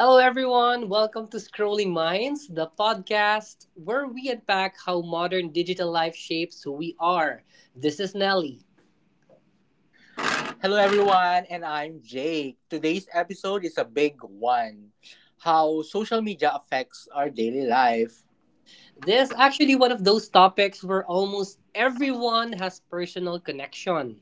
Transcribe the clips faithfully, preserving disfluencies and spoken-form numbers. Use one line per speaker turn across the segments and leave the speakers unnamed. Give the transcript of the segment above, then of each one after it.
Hello, everyone. Welcome to Scrolling Minds, the podcast where we unpack how modern digital life shapes who we are. This is Nelly.
Hello, everyone, and I'm Jake. Today's episode is a big one, how social media affects our daily life.
This is actually one of those topics where almost everyone has personal connection.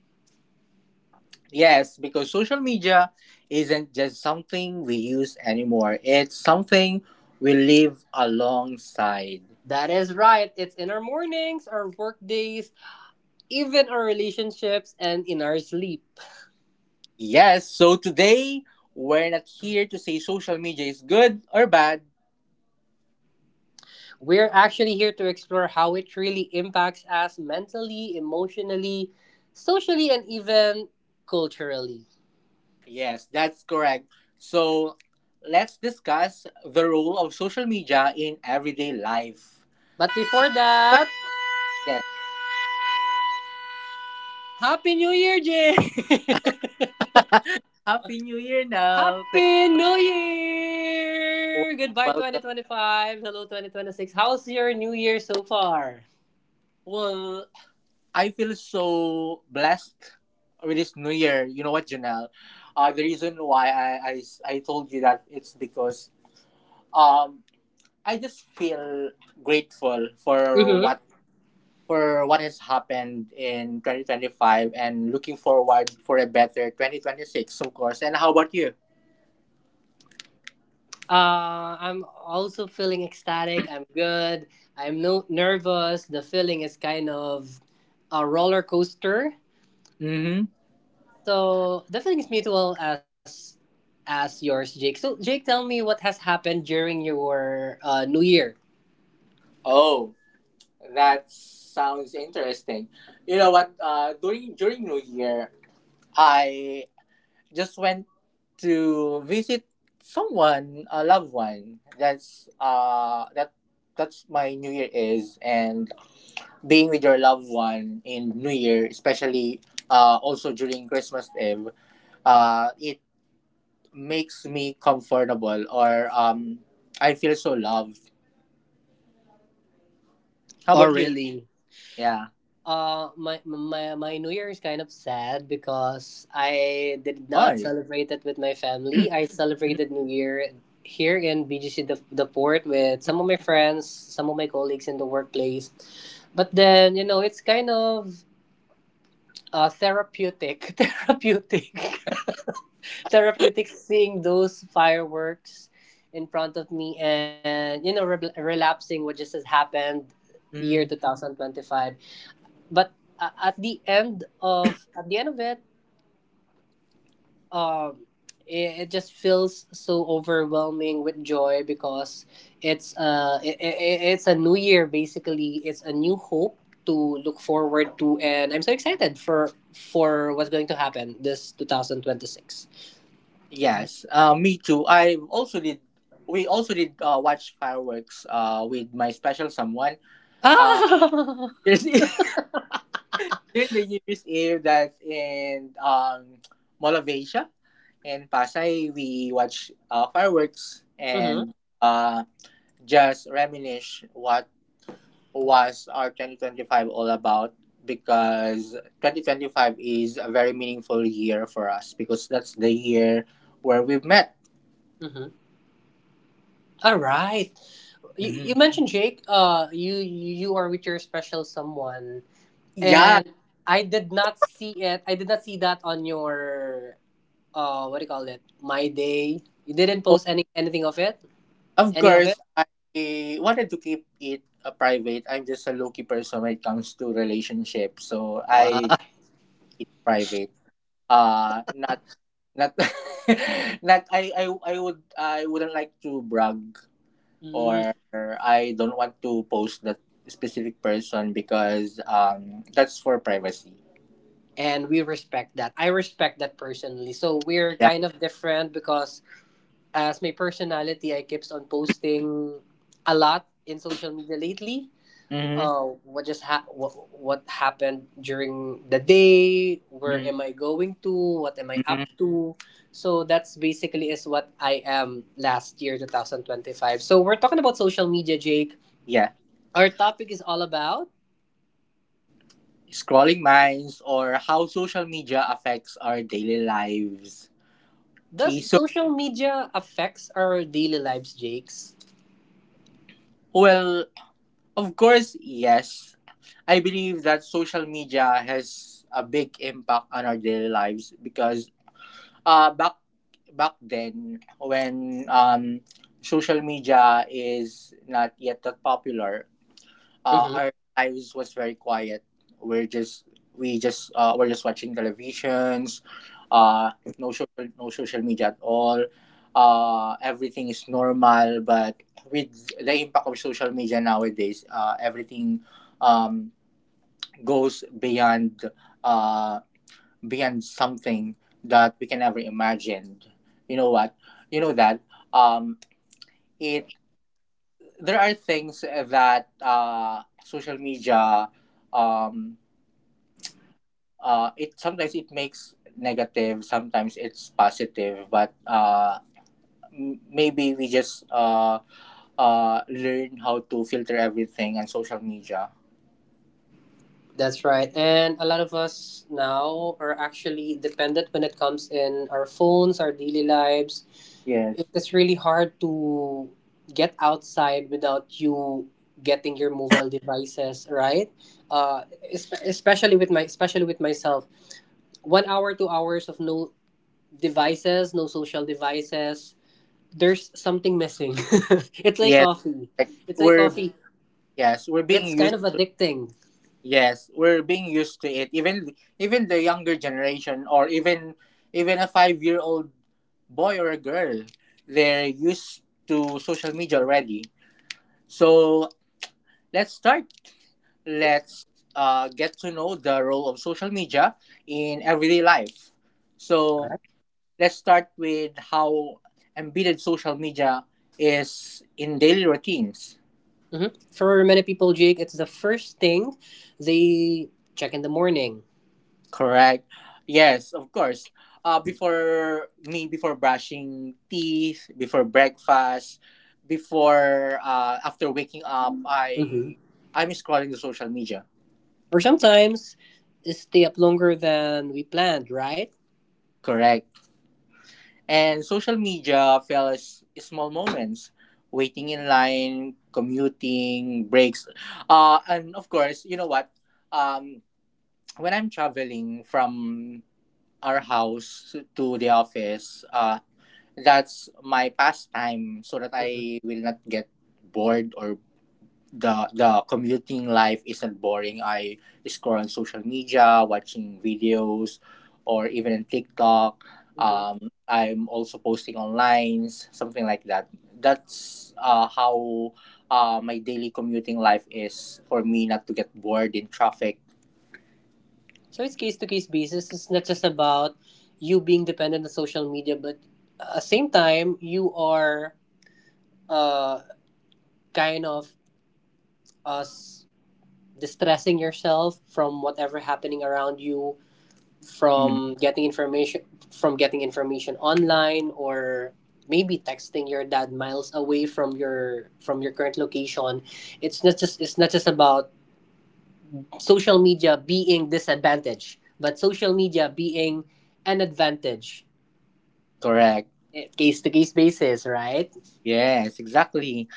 Yes, because social media isn't just something we use anymore, it's something we live alongside.
That is right. It's in our mornings, our work days, even our relationships, and in our sleep.
Yes, so today we're not here to say social media is good or bad.
We're actually here to explore how it really impacts us mentally, emotionally, socially, and even culturally.
Yes, that's correct. So let's discuss the role of social media in everyday life.
But
So,
before that, Happy New Year, Jay!
Happy New Year now. Thank
Happy New
you.
Year! Goodbye
Welcome.
twenty twenty-five. Hello twenty twenty-six. How's your new year so far?
Well, I feel so blessed with this New Year. You know what, Janelle? Uh, the reason why I, I, I told you that it's because um I just feel grateful for what
Mm-hmm.
for what has happened in twenty twenty-five and looking forward for a better twenty twenty-six, of course. And how about you?
Uh, I'm also feeling ecstatic. I'm good. I'm no nervous. The feeling is kind of a roller coaster.
Mm-hmm.
So definitely it's mutual as as yours, Jake. So Jake, tell me what has happened during your uh, New Year.
Oh, that sounds interesting. You know what? Uh, during during New Year, I just went to visit someone, a loved one. That's uh that that's my New Year is, and being with your loved one in New Year, especially uh also during Christmas Eve, uh it makes me comfortable, or um I feel so loved. How
Oh
about you?
really?
Yeah.
Uh, my my my New Year is kind of sad because I did not
Why?
celebrate it with my family. I celebrated New Year here in B G C, the, the port with some of my friends, some of my colleagues in the workplace. But then you know it's kind of uh, therapeutic, therapeutic therapeutic seeing those fireworks in front of me, and you know re- relapsing what just has happened year
Mm,
twenty twenty-five. But uh, at the end of at the end of it um it, it just feels so overwhelming with joy because it's uh it, it, it's a new year. Basically it's a new hope to look forward to, and I'm so excited for for what's going to happen this twenty twenty-six.
yes. Uh, me too. I also did. We also did uh, watch fireworks uh, with my special someone. Uh, there's during the New Year's Eve, that's in um, Mall of Asia in Pasay. We watch uh, fireworks
Ah!
and uh, just reminisce what was our twenty twenty-five all about, because twenty twenty-five is a very meaningful year for us because that's the year where we've met.
Mm-hmm. All right. You, you
Mhm.
mentioned Jake. Uh, you you are with your special someone,
Yeah.
and I did not see it. I did not see that on your uh, what do you call it? My day. You didn't post any anything of it.
Of
Any of it.
course, I wanted to keep it uh, private. I'm just a low-key person when it comes to relationships, so I
Ah.
keep it private. Uh, not, not, not. I, I, I would, I wouldn't like to brag,
Mm,
or I don't want to post that specific person because um, that's for privacy.
and we respect that. I respect that personally. So we're
Yeah.
kind of different because as my personality, I keeps on posting a lot in social media lately.
Mm-hmm.
Oh, what just ha- what, what happened during the day? Where
Mm-hmm.
am I going to? What am I
Hmm.
up to? So that's basically is what I am last year twenty twenty-five. So we're talking about social media, Jake.
Yeah.
Our topic is all about
Scrolling minds, or how social media affects our daily lives. Okay,
does
so,
social media affects our daily lives, Jake's?
well, of course, yes. I believe that social media has a big impact on our daily lives because uh back back then when um social media is not yet that popular, uh, our lives was very quiet. We're just we just uh, we're just watching televisions. Uh, no social no social media at all. Uh, everything is normal, but with the impact of social media nowadays, uh, everything, um, goes beyond uh, beyond something that we can ever imagine. You know what? You know that, um, it there are things eh, that uh, social media, um, uh, it sometimes it makes negative, sometimes it's positive, but uh, m- maybe we just uh, uh, learn how to filter everything on social media.
That's right. And a lot of us now are actually dependent when it comes in our phones, our daily lives.
Yes.
It is really hard to get outside without you getting your mobile devices, right? Uh, es- especially with my especially with myself. One hour, two hours of no devices, no social devices. There's something missing. It's like
Yes,
coffee.
like
It's like
we're,
coffee.
yes, we're being
It's kind
used.
of addicting.
Yes, we're being used to it. Even even the younger generation, or even even a five year old boy or a girl, they're used to social media already. So let's start. Let's uh, get to know the role of social media in everyday life. So let's start with how embedded social media is in daily routines.
Hmm. For many people, Jake, it's the first thing they check in the morning.
Correct. Yes, of course. Uh, before me, before brushing teeth, before breakfast, before uh, after waking up,
Hmm.
I I'm scrolling the social media.
Or sometimes stay up longer than we planned, right?
Correct. And social media fills small moments, waiting in line, commuting, breaks. Uh, and of course, you know what? Um, when I'm traveling from our house to the office, uh, that's my pastime so that
Hmm.
I will not get bored, or the the commuting life isn't boring. I scroll on social media, watching videos, or even in TikTok.
Hmm.
Um, I'm also posting online, something like that. That's uh, how uh, my daily commuting life is, for me not to get bored in traffic.
So it's case to case basis. It's not just about you being dependent on social media, but at the same time, you are uh, kind of us distressing yourself from whatever happening around you,
Mhm.
from getting information from getting information online, or maybe texting your dad miles away from your from your current location. It's not just it's not just about social media being disadvantage, but social media being an advantage,
Correct.
case to case basis, right?
Yes, exactly.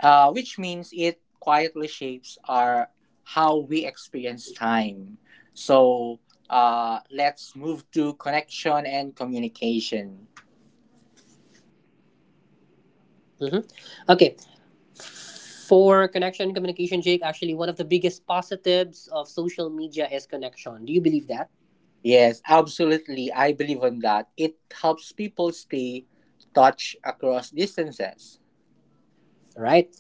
uh, Which means it quietly shapes our, how we experience time. So uh, let's move to connection and communication.
Hmm. Okay. For connection and communication, Jake, actually, one of the biggest positives of social media is connection. Do you believe that?
Yes, absolutely. I believe in that. It helps people stay touch across distances.
Right?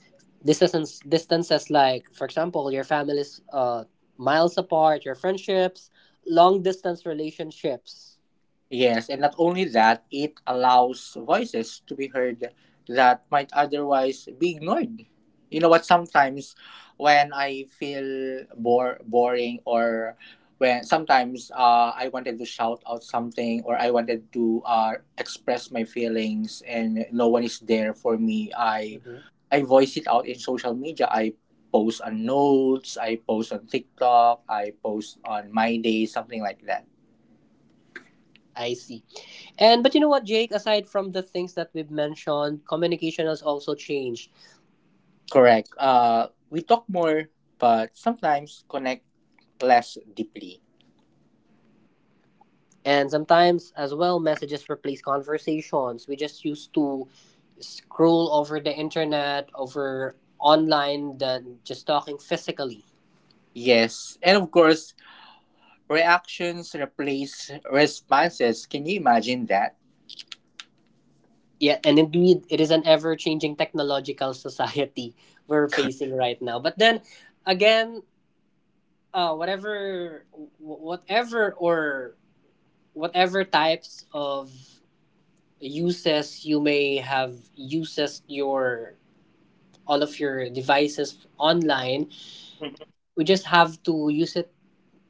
Distances, distances like, for example, your family's uh, miles apart, your friendships, long distance relationships.
Yes, and not only that, it allows voices to be heard that might otherwise be ignored. You know what? Sometimes when I feel bore boring, or when sometimes uh, I wanted to shout out something, or I wanted to uh, express my feelings and no one is there for me, I
Mhm.
I voice it out in social media. I post on notes, I post on TikTok, I post on my day, something like that.
I see. And but you know what, Jake, aside from the things that we've mentioned, communication has also changed.
Correct. Uh, we talk more, but sometimes connect less deeply.
And sometimes as well messages replace conversations. We just used to scroll over the internet, over online, than just talking physically.
Yes, and of course, reactions replace responses. Can you imagine that?
Yeah, and indeed it is an ever changing technological society we're facing right now. But then again, uh whatever wh- whatever or whatever types of uses you may have, uses your all of your devices online,
Mhm.
we just have to use it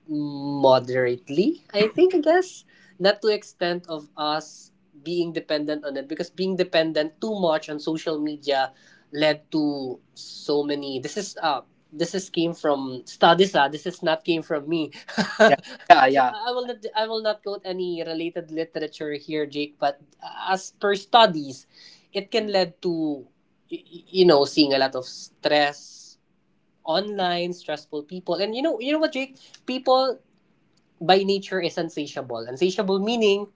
moderately, I think, I guess, not to extent of us being dependent on it, because being dependent too much on social media led to so many. This is uh this is came from studies, ah. This is not came from me.
Yeah, yeah,
So
yeah.
i will not i will not quote any related literature here, Jake, but as per studies, it can
Mm.
lead to, y- y- you know, seeing a lot of stress online, stressful people. And you know, you know what, Jake, people by nature is unsatiable. Unsatiable meaning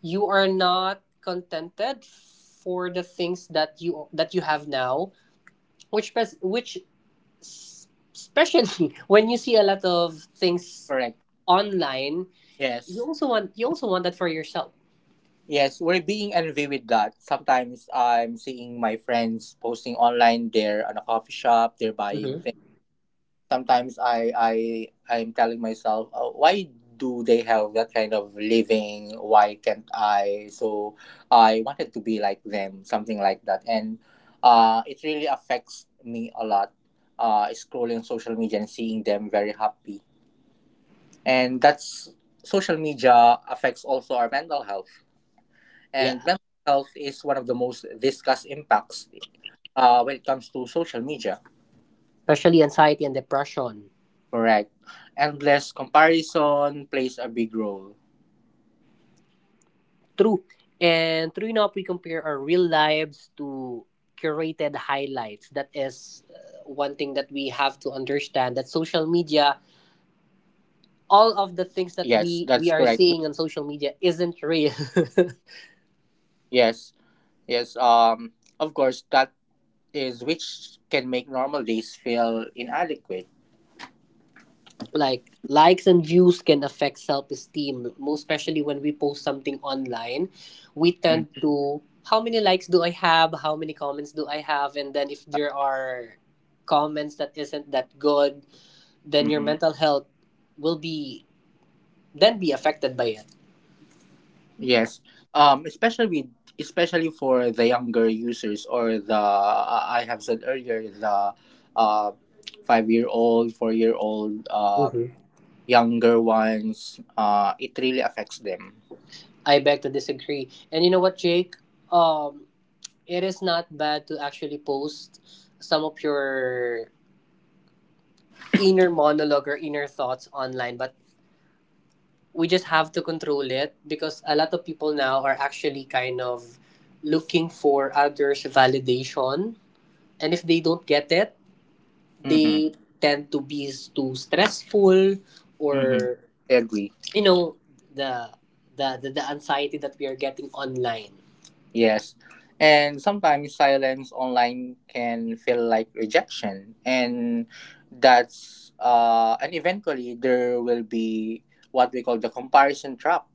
you are not contented for the things that you that you have now, which pes- which s- especially when you see a lot of things
Correct.
online, you
Yes,
also want, you also want that for yourself.
yes. We're being envy with that. Sometimes I'm seeing my friends posting online. They're on a coffee shop. They're buying
Hmm.
things. Sometimes I I I'm telling myself, oh, why do they have that kind of living? Why can't I? So I wanted to be like them, something like that, and uh, it really affects me a lot. Uh, scrolling social media and seeing them very happy, and that's, social media affects also our mental health,
Yeah,
and mental health is one of the most discussed impacts uh, when it comes to social media.
especially anxiety and depression.
Correct. Endless comparison plays a big role.
True. And true enough, we compare our real lives to curated highlights. That is uh, one thing that we have to understand, that social media,
Yes, that's
all
correct. We-
of the things that we we are seeing on social media isn't real.
yes, yes. Um, of course, that is, which can make normal days feel inadequate.
Like likes and views can affect self-esteem, most especially when we post something online. We tend to, how many likes do I have, how many comments do I have? And then if there are comments that isn't that good, then your
Mm-hmm.
mental health will be, then be affected by it.
Yes. Um, especially with, especially for the younger users, or the uh, I have said earlier, the uh five year old, four year old, um,
Hmm.
younger ones. Uh, it really affects them.
I beg to disagree. And you know what, Jake? Um, it is not bad to actually post some of your inner monologue or inner thoughts online, but we just have to control it because a lot of people now are actually kind of looking for others' validation. And if they don't get it,
Mm-hmm.
they tend to be s- too stressful,
Mm-hmm.
or,
I agree.
you know, the, the, the, the anxiety that we are getting online.
Yes. And sometimes silence online can feel like rejection. And that's, uh, and eventually there will be what we call the comparison trap.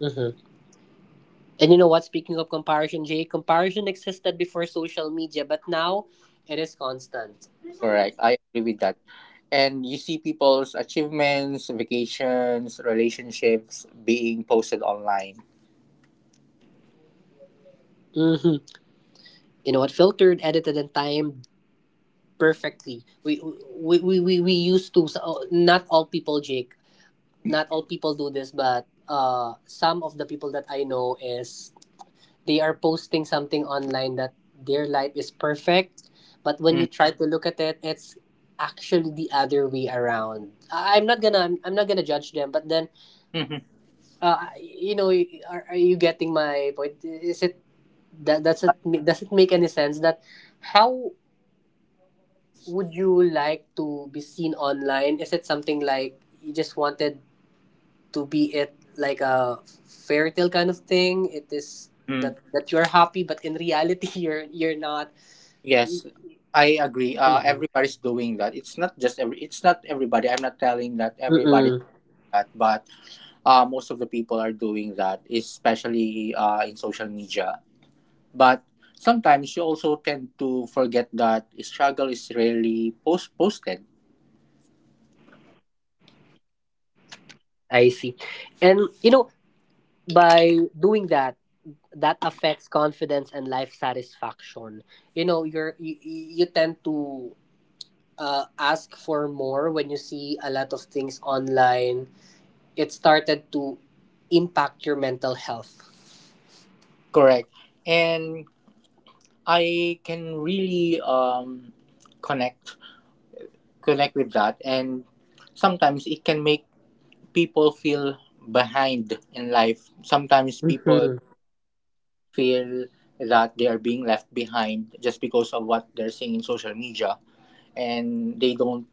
Mhm. And you know what? Speaking of comparison, Jay, comparison existed before social media, but now it is constant.
Correct. I agree with that. And you see people's achievements, vacations, relationships being posted online.
Hmm. You know what? Filtered, edited, and timed perfectly. We we we we, we used to. So, not all people, Jake. Not all people do this, but uh, some of the people that I know is, they are posting something online that their life is perfect, but when
Mm.
you try to look at it, it's actually the other way around. I- I'm not gonna I'm, I'm not gonna judge them, but then
Mhm.
uh, you know, are, are you getting my point? Is it that does it ma- does it make any sense that how would you like to be seen online? Is it something like you just wanted to be it like a fairy tale kind of thing? It is
Mm.
that that you're happy, but in reality, you're you're not.
Yes, I agree. Uh,
Mm-hmm.
everybody's doing that. It's not just every. It's not everybody. I'm not telling that everybody
Mm-mm.
that, but uh, most of the people are doing that, especially uh, in social media. But sometimes you also tend to forget that struggle is rarely post- posted.
I see, and you know, by doing that, that affects confidence and life satisfaction. You know, you're you, you you tend to uh, ask for more. When you see a lot of things online, it started to impact your mental health.
Correct. And I can really um, connect connect with that. And sometimes it can make people feel behind in life. Sometimes people
Hmm.
feel that they are being left behind just because of what they're seeing in social media, and they don't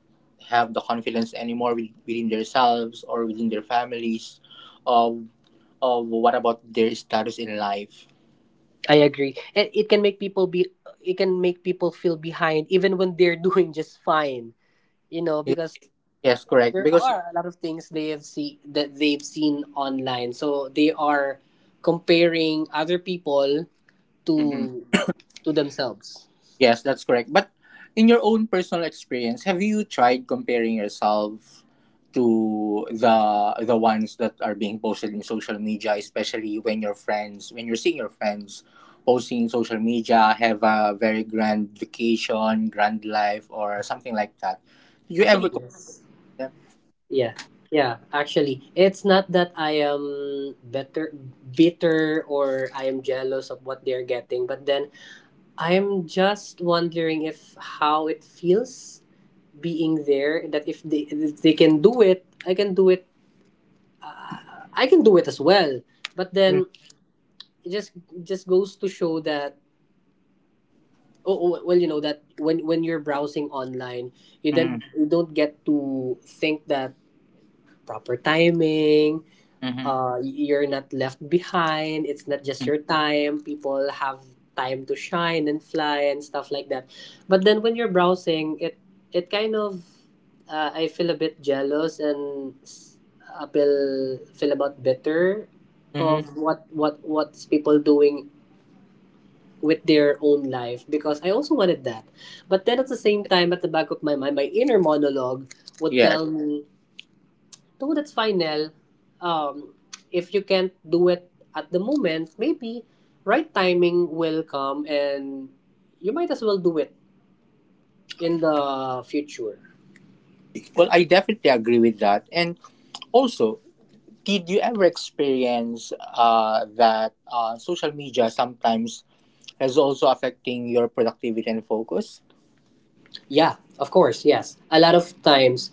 have the confidence anymore with, within themselves or within their families, of of what about their status in life.
I agree. It, it can make people be, it can make people feel behind even when they're doing just fine, you know,
Ye-
because
yes, correct,
there
because,
are a lot of things they have see that they've seen online. So they are comparing other people
mhm.
to to themselves.
Yes, that's correct. But in your own personal experience, have you tried comparing yourself to the the ones that are being posted in social media, especially when your friends, when you're seeing your friends posting in social media, have a very grand vacation, grand life, or something like that? Do you ever
Actually,
compare
yes.
them?
Yeah. Yeah, actually, it's not that I am better bitter or I am jealous of what they're getting, but then I'm just wondering if how it feels being there, that if they if they can do it, I can do it. I can do it as well. But then
Mm-hmm.
it just just goes to show that, oh, oh, well, you know that when when you're browsing online, you
Mm-hmm.
then you don't get to think that proper timing,
Mm-hmm.
uh, you're not left behind. It's not just your time. People have time to shine and fly and stuff like that. But then when you're browsing, it it kind of, uh, I feel a bit jealous and s- I feel feel about bitter
Mm-hmm, mm-hmm.
of what what what's people doing with their own life, because I also wanted that. But then at the same time, at the back of my mind, my inner monologue would
Yes.
tell me though that's final, um, if you can't do it at the moment, maybe right timing will come and you might as well do it in the future.
Well, I definitely agree with that. And also, did you ever experience uh, that uh, social media sometimes is also affecting your productivity and focus?
Yeah, of course, yes. A lot of times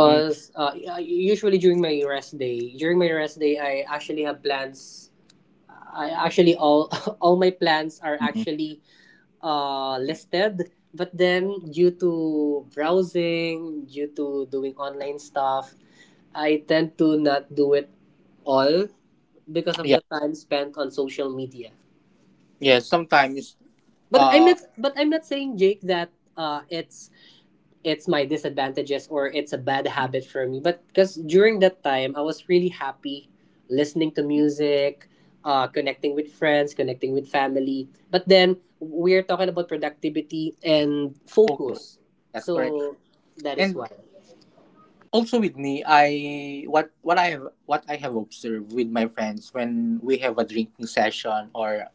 Mm.
uh, usually during my rest day, during my rest day, I actually have plans. I actually all all my plans are
Mm.
actually uh, listed. But then, due to browsing, due to doing online stuff, I tend to not do it all because of
Yeah,
the time spent on social media.
yeah, sometimes
But I'm
uh,
not. But I'm not saying Jake that uh, it's it's my disadvantages or it's a bad habit for me. But because during that time, I was really happy listening to music, uh, connecting with friends, connecting with family. But then we're talking about productivity and
focus.
focus.
That's correct.
So that is
And
why.
also with me, I what what I have what I have observed with my friends, when we have a drinking session, or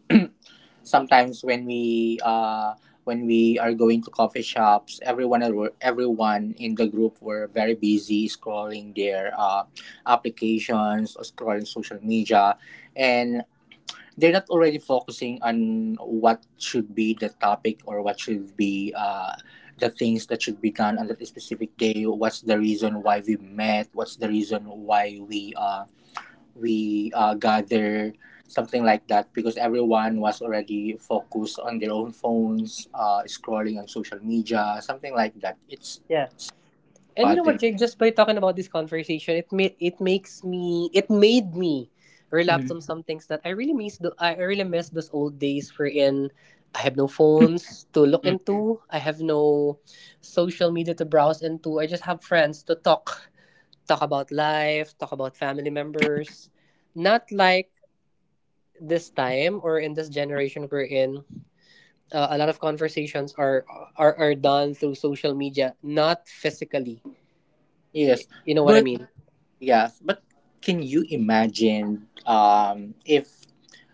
sometimes when we uh when we are going to coffee shops, everyone are- everyone in the group were very busy scrolling their uh, applications, or scrolling social media, and they're not already focusing on what should be the topic, or what should be uh, the things that should be done on that specific day, what's the reason why we met, what's the reason why we uh, we uh, gather, something like that, because everyone was already focused on their own phones uh, scrolling on social media, something like that. It's
Yeah. And you know
bothering.
what, Jake? Just by talking about this conversation, it made it makes me it made me relapse
Mhm.
on some things that I really miss. The I really miss those old days wherein I have no phones to look
Mhm.
into. I have no social media to browse into. I just have friends to talk talk about life, talk about family members. Not like this time or in this generation we're in, uh, a lot of conversations are, are are done through social media, not physically,
yes
you know what I
but
mean.
yes, but can you imagine um, if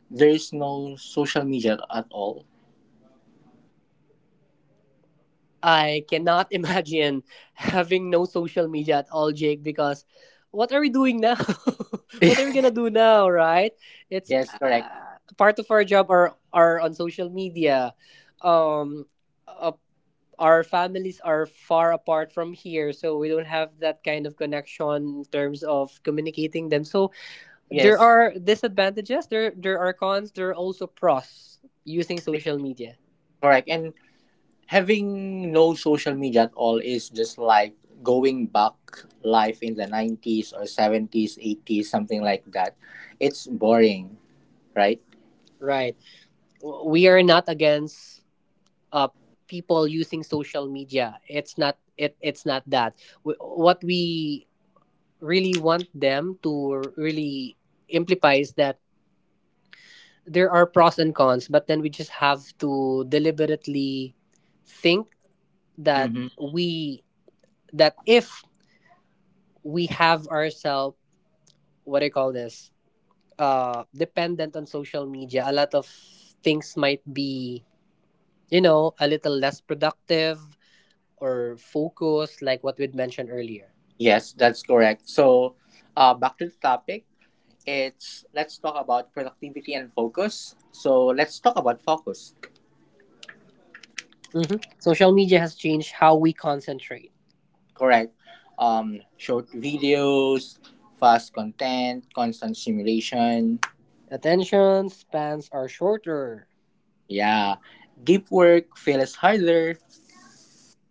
there's no social media at all?
I cannot imagine having no social media at all, Jake, because what are we doing now? What are we gonna do now, right? It's
Yes, correct.
uh, Part of our job are are on social media. Um, uh, our families are far apart from here, so we don't have that kind of connection in terms of communicating them. So there
Yes,
are disadvantages, there there are cons, there are also pros using social media.
correct. And having no social media at all is just like going back life in the nineties, or seventies, eighties, something like that. It's boring, right?
Right. W- We are not against uh people using social media. It's not it it's not that. W What we really want them to really imply is that there are pros and cons, but then we just have to deliberately think that
Mm-hmm.
we that if we have ourselves, what do you call this, uh dependent on social media, a lot of things might be, you know, a little less productive or focused, like what we'd mentioned earlier.
Yes, that's correct. So uh, back to the topic, it's, let's talk about productivity and focus, so let's talk about focus.
Hmm. Social media has changed how we concentrate.
Correct. Um short videos, fast content, constant stimulation.
Attention spans are shorter.
Yeah. Deep work feels harder.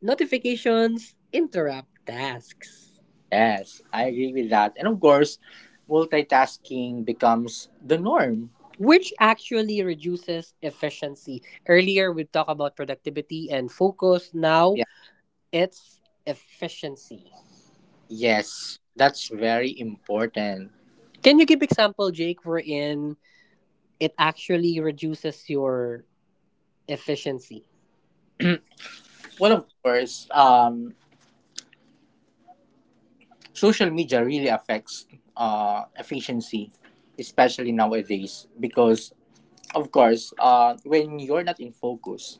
Notifications interrupt tasks,
Yes, I agree with that. And of course, multitasking becomes the norm.
which actually reduces efficiency. Earlier, we talked about productivity and focus. Now,
Yeah.
it's efficiency.
Yes, that's very important.
Can you give example, Jake, wherein it actually reduces your efficiency?
Well, of course, um, social media really affects uh, efficiency, especially nowadays, because of course, uh, when you're not in focus,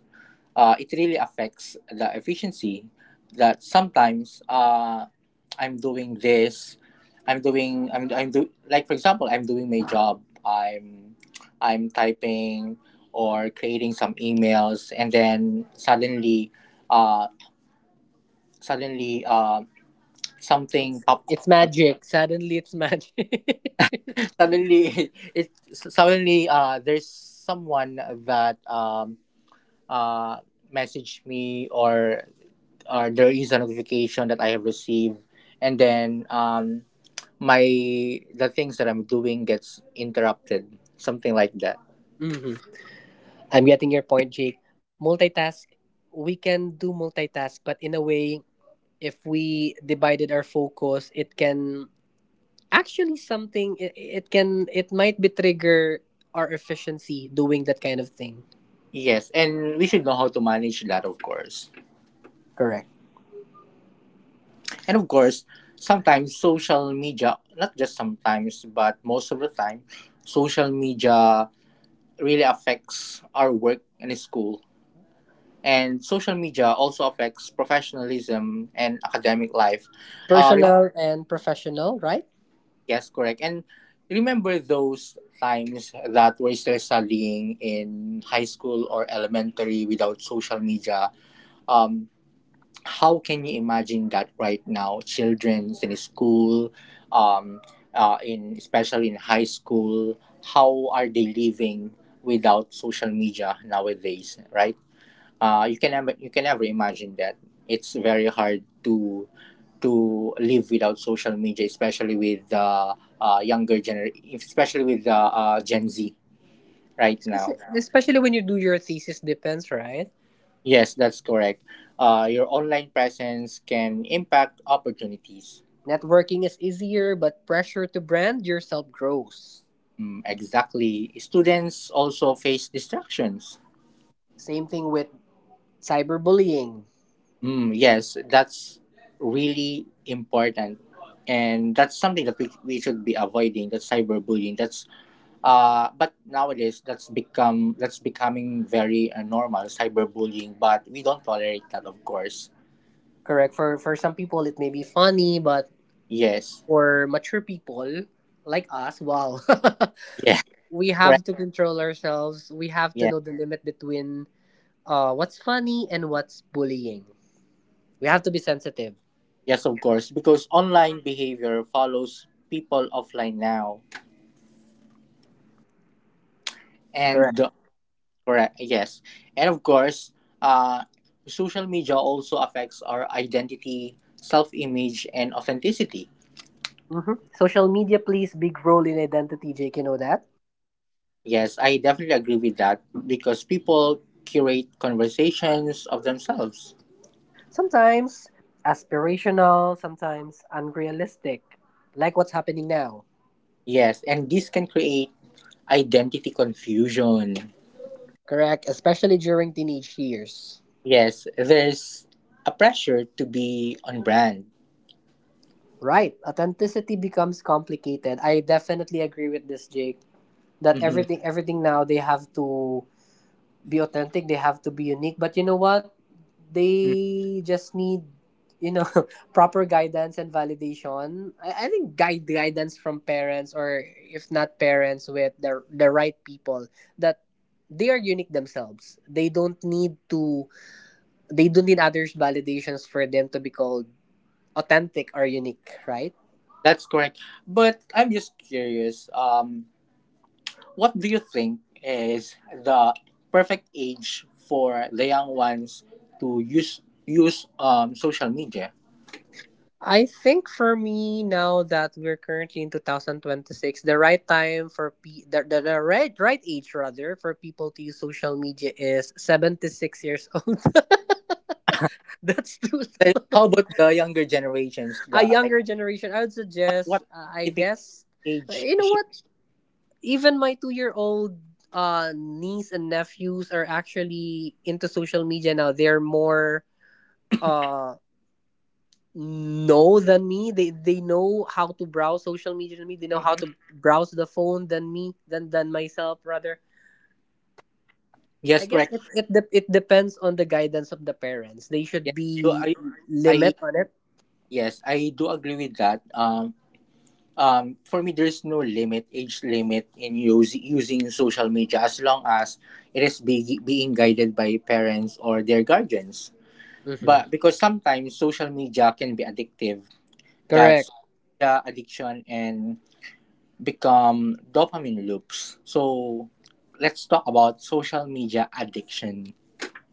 uh, it really affects the efficiency, that sometimes uh, I'm doing this I'm doing I'm, I'm do, like, for example, I'm doing my job, i'm I'm typing or creating some emails, and then suddenly uh, suddenly uh, something
It's,
pop,
it's magic. Suddenly, it's magic.
suddenly it suddenly uh, there's someone that um, uh, messaged me, or or there is a notification that I have received, and then um, my the things that I'm doing gets interrupted, something like that.
Hmm. I'm getting your point, Jake. Multitask. We can do multitask, but in a way, if we divided our focus, it can actually something it, it can it might be trigger our efficiency doing that kind of thing.
Yes, and we should know how to manage that, of course.
Correct.
And of course, sometimes social media, not just sometimes, but most of the time, social media really affects our work and school. And social media also affects professionalism and academic life. Uh,
Personal and professional, right?
Yes, correct. And remember those times that we're still studying in high school or elementary without social media? Um, how can you imagine that right now? Children's in school, um, uh, in especially in high school, how are they living without social media nowadays, right? uh, you can never you can never imagine that it's very hard to to live without social media, especially with the uh, uh, younger gener, especially with the uh, Gen Z right
Especially,
now.
especially when you do your thesis depends, right?
Yes, that's correct. Uh, your online presence can impact opportunities.
Networking is easier, but pressure to brand yourself grows.
Mm, exactly. Students also face distractions.
Same thing with cyberbullying.
Mm, yes, that's really important. And that's something that we, we should be avoiding. That's cyberbullying. That's Uh, but nowadays that's become that's becoming very uh, normal cyberbullying. But we don't tolerate that, of course.
Correct, for for some people it may be funny, but
Yes.
for mature people like us, wow.
Yeah.
We
Correct.
have to control ourselves. We have to
Yeah.
know the limit between, uh, what's funny and what's bullying. We have to be sensitive.
Yes, of course, because online behavior follows people offline now.
Correct.
And uh, Correct. Yes. And of course, uh, social media also affects our identity, self-image, and authenticity.
Hmm. Social media plays big role in identity, Jake. You know that.
Yes, I definitely agree with that because people curate conversations of themselves.
Sometimes aspirational, sometimes unrealistic, like what's happening now.
Yes, and this can create identity confusion.
Correct, especially during teenage years.
Yes, there's a pressure to be on brand.
Right, authenticity becomes complicated. I definitely agree with this, Jake. That
Hmm.
everything, everything now they have to be authentic. They have to be unique. But you know what? They just need, you know, proper guidance and validation. i, I think guide guidance from parents, or if not parents, with the the right people, that they are unique themselves. They don't need to, they don't need others validations for them to be called authentic or unique, right?
That's correct. But I'm just curious. Um, what do you think is the perfect age for the young ones to use use um social media?
I think for me, now that we're currently in two thousand twenty-six, the right time for pe- the, the, the right right age rather for people to use social media is seventy-six years old. That's too
Like, how
long.
about the younger generations?
A
The like,
younger generation, I would
what
suggest,
what
uh, I
specific
guess, uh,
age
you know
should?
what? Even my two-year-old uh, niece and nephews are actually into social media now. They're more uh know than me. They they know how to browse social media than me. They know how
Mhm.
to browse the phone than me, than than myself rather. I
Yes,
guess
correct.
it it, de- it depends on the guidance of the parents. They should
Yes, so
be
I I
limit on it.
Yes, I do agree with that. Um, um, for me, there's no limit, age limit in use, using social media as long as it is be, being guided by parents or their guardians.
Hmm.
But because sometimes social media can be addictive, that's
Correct.
media addiction and become dopamine loops. So let's talk about social media addiction.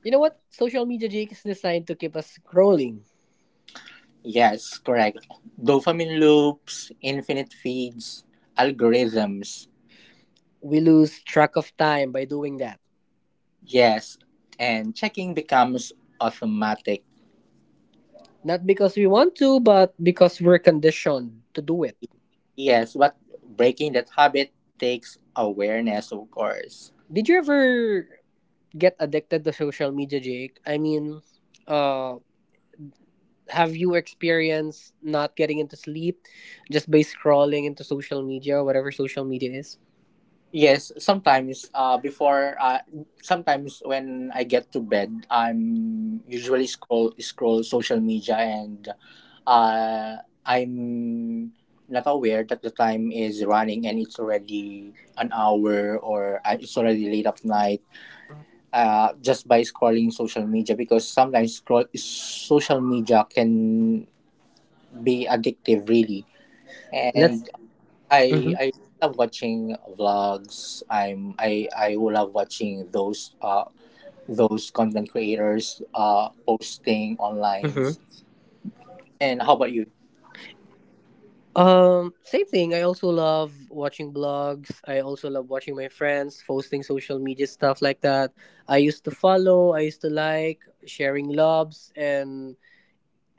You know what? Social media, Jake, is designed to keep us scrolling.
Yes, correct. Dopamine loops, infinite feeds, algorithms.
We lose track of time by doing that.
Yes, and checking becomes automatic.
Not because we want to, but because we're conditioned to do it.
Yes, but breaking that habit takes awareness, of course.
Did you ever get addicted to social media, Jake? I mean, uh, have you experienced not getting into sleep just by scrolling into social media, whatever social media is?
Yes, sometimes uh, before uh, sometimes when I get to bed, I'm usually scroll scroll social media and uh, I'm not aware that the time is running and it's already an hour or uh, it's already late at night. Uh, just by scrolling social media, because sometimes scroll social media can be addictive really,
Let's.
and i
Mm-hmm,
i love watching vlogs. I'm i i love watching those uh those content creators uh posting online.
mm-hmm.
And how about you?
Um, same thing. I also love watching blogs. I also love watching my friends posting social media stuff like that. I used to follow, I used to like sharing loves and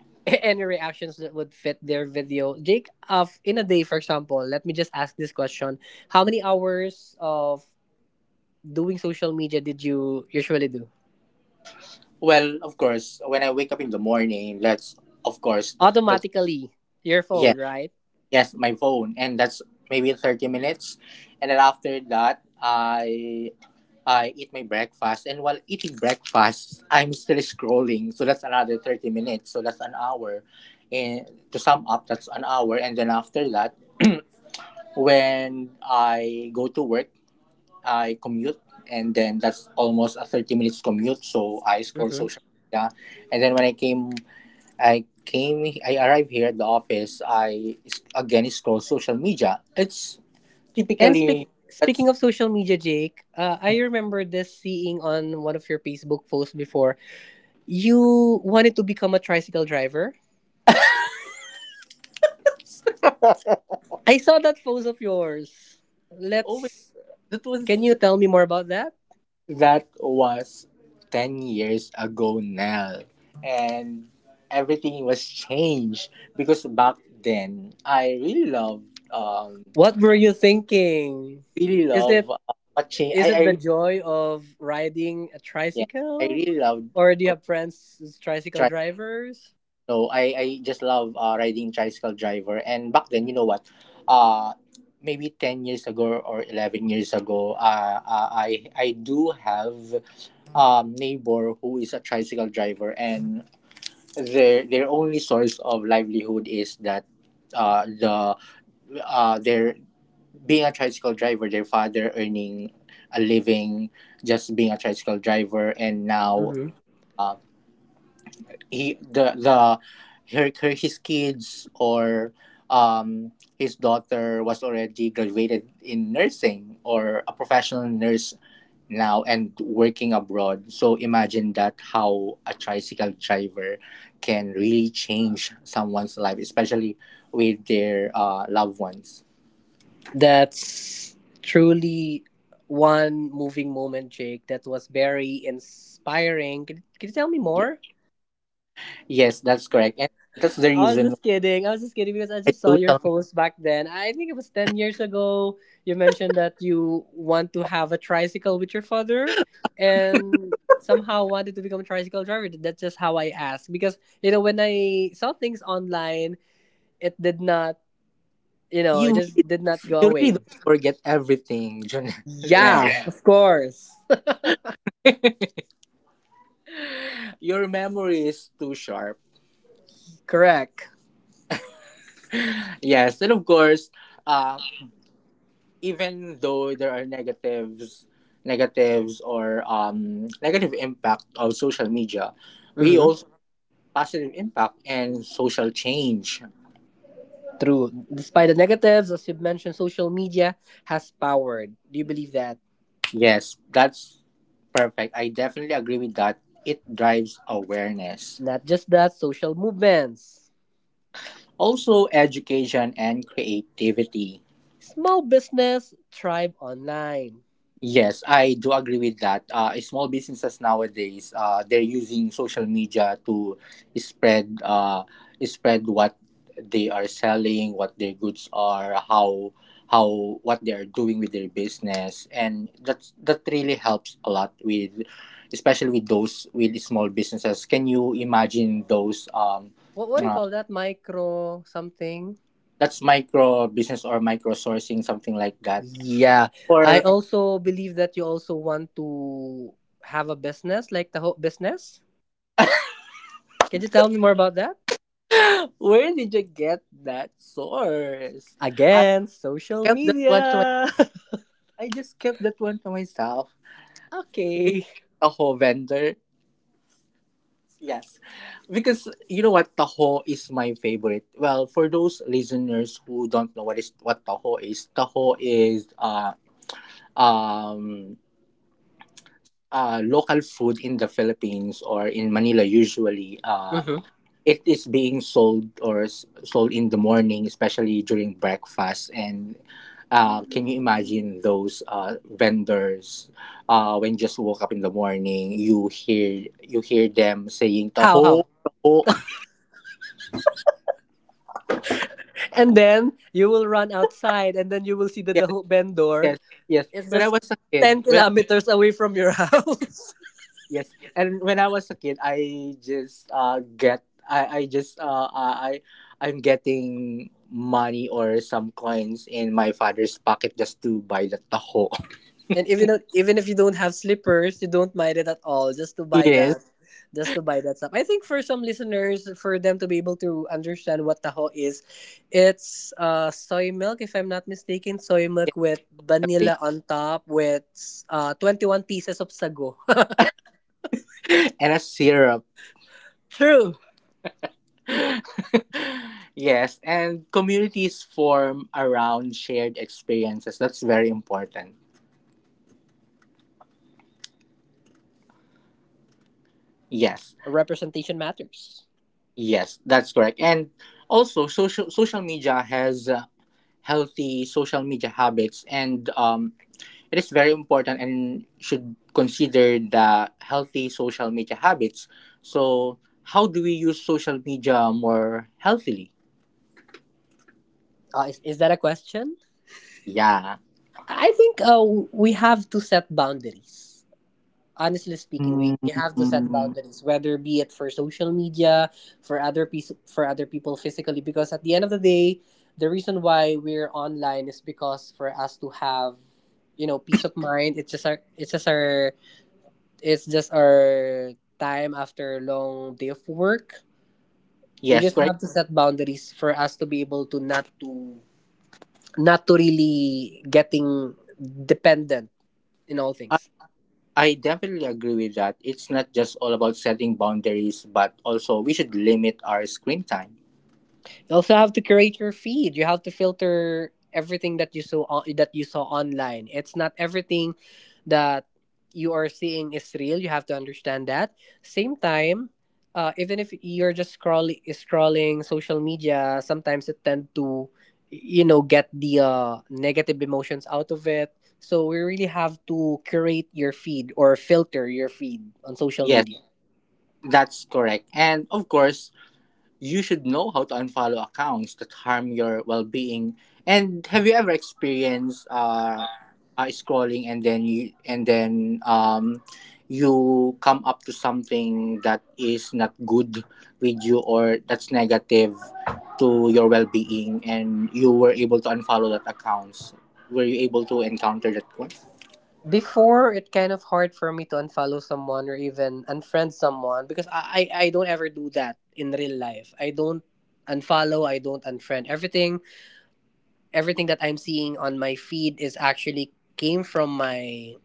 any reactions that would fit their video. Jake, of in a day, for example, let me just ask this question. How many hours of doing social media did you usually do?
Well, of course, when I wake up in the morning, that's of course that's
Automatically, your
yeah,
phone, right?
yes, my phone, and that's maybe thirty minutes. And then after that, i I eat my breakfast, and while eating breakfast, I'm still scrolling. So that's another thirty minutes. So that's an hour. And to sum up, that's an hour. And then after that, when I go to work, I commute, and then that's almost a thirty minutes commute. So I scroll
Mm-hmm.
social media, and then when I came, I came, I arrived here at the office. I s- again scroll social media. It's
And
typically
speak,
that's
speaking of social media, Jake, uh, I remember this seeing on one of your Facebook posts before. You wanted to become a tricycle driver. I saw that post of yours.
always
Let's.
that
Can
was
you tell me more about that?
that was ten years ago now. And everything was changed because back then I really loved um
What were you thinking?
really
Is
love
it
uh,
is
watching
it the
I I really-
joy of riding a
yeah, I
tricycle,
really loved
or do you
r-
have friends as tricycle
tri
drivers?
no, I I just love uh, riding tricycle driver. And back then, you know what, uh maybe ten years ago or eleven years ago, uh, uh I I do have um neighbor who is a tricycle driver. And their their only source of livelihood is that, uh the uh their being a tricycle driver, their father earning a living just being a tricycle driver. And now, uh, he the the her, her his kids, or um his daughter was already graduated in nursing, or a professional nurse now, and working abroad. So imagine that, how a tricycle driver can really change someone's life, especially with their uh, loved ones.
That's truly one moving moment, Jake. That was very inspiring. Could, could you tell me
Ye-
more?
yes, that's correct, and that's the
I was
reason
just kidding. I was just kidding because I
why
just saw your
social media,
post back then. I think it was ten years ago. You mentioned that you want to have a tricycle with your father and somehow wanted to become a tricycle driver. That's just how I asked. Because, you know, when I saw things online, it did not, you know, it
you
just
really,
did not go
you really
away.
don't forget everything. Janelle,
Yeah, of course.
your memory is too sharp.
Correct.
Yes, and of course, uh, even though there are negatives, negatives or um, negative impact of social media, we
Hmm.
also positive impact and social change.
True. Despite the negatives, as you've mentioned, social media has powered. Do you believe that?
Yes, that's perfect. I definitely agree with that. It drives awareness.
Not just that, social movements.
Also, education and creativity.
Small business thrive online.
Yes, I do agree with that. Uh, small businesses nowadays, uh, they're using social media to spread, uh, spread what they are selling, what their goods are, how, how, what they are doing with their business, and that's that really helps a lot with, especially with those with small businesses. Can you imagine those? Um,
What, what do you
uh,
call that? Micro something?
that's micro business or micro sourcing, something like that,
Yeah. I
or
also believe that you also want to have a business, like the whole business. Can you tell me more about that?
where did you get that source? I
Again, social
kept that one to my
media.
I just kept that one to myself. Because
Okay.
taho vendor. Yes. Because, you know, what taho is my favorite. Well, for those listeners who don't know what is what taho is, taho is uh um uh local food in the Philippines or in Manila usually. Uh
Hmm.
it is being sold, or s- sold in the morning, especially during breakfast. And uh, can you imagine those uh, vendors, uh, when just woke up in the morning, you hear you hear them saying
How,
taho,
how?
taho.
And then you will run outside, and then you will see that
yes,
the hook bend door.
yes, yes.
Is
When I
just
was a kid,
ten
when
kilometers away from your house.
yes, and when I was a kid, I just uh, get I I just uh, uh, I I'm getting money or some coins in my father's pocket just to buy the taho.
And even though- even if you don't have slippers, you don't mind it at all. Just to buy
Yes.
that, just to buy that stuff. I think for some listeners, for them to be able to understand what taho is, it's uh soy milk, if I'm not mistaken, soy milk with
A base.
vanilla on top with uh twenty one pieces of sago.
And a syrup.
True.
Yes, and communities form around shared experiences. That's very important. Yes,
Representation matters.
yes, that's correct. And also, social social media has uh, healthy social media habits, and um, it is very important and should consider the healthy social media habits. So, how do we use social media more healthily?
Uh, is, is that a question?
Yeah.
I think uh, we have to set boundaries. Honestly speaking, we we have to set
Mm.
boundaries, whether be it for social media, for other piece, for other people physically, because at the end of the day, the reason why we're online is because for us to have, you know, peace of mind. It's just our, it's just our, it's just our time after a long day of work. We
Yes,
just
correct.
have to set boundaries for us to be able to not to not to really getting dependent in all things.
I definitely agree with that. It's not just all about setting boundaries, but also we should limit our screen time.
You also have to curate your feed. You have to filter everything that you saw on, that you saw online. It's not everything that you are seeing is real. You have to understand that. Same time, uh, even if you're just scrolling scrolling social media, sometimes it tend to, you know, get the, uh, negative emotions out of it, so we really have to curate your feed or filter your feed on social
Yes,
media.
that's correct. And of course, you should know how to unfollow accounts that harm your well-being. And have you ever experienced uh, uh scrolling, and then you and then um you come up to something that is not good with you, or that's negative to your well-being, and you were able to unfollow that accounts? Were you able to encounter that one?
Before, it kind of hard for me to unfollow someone or even unfriend someone because I, I, I don't ever do that in real life. I don't unfollow, I don't unfriend. Everything, everything that I'm seeing on my feed is actually came from my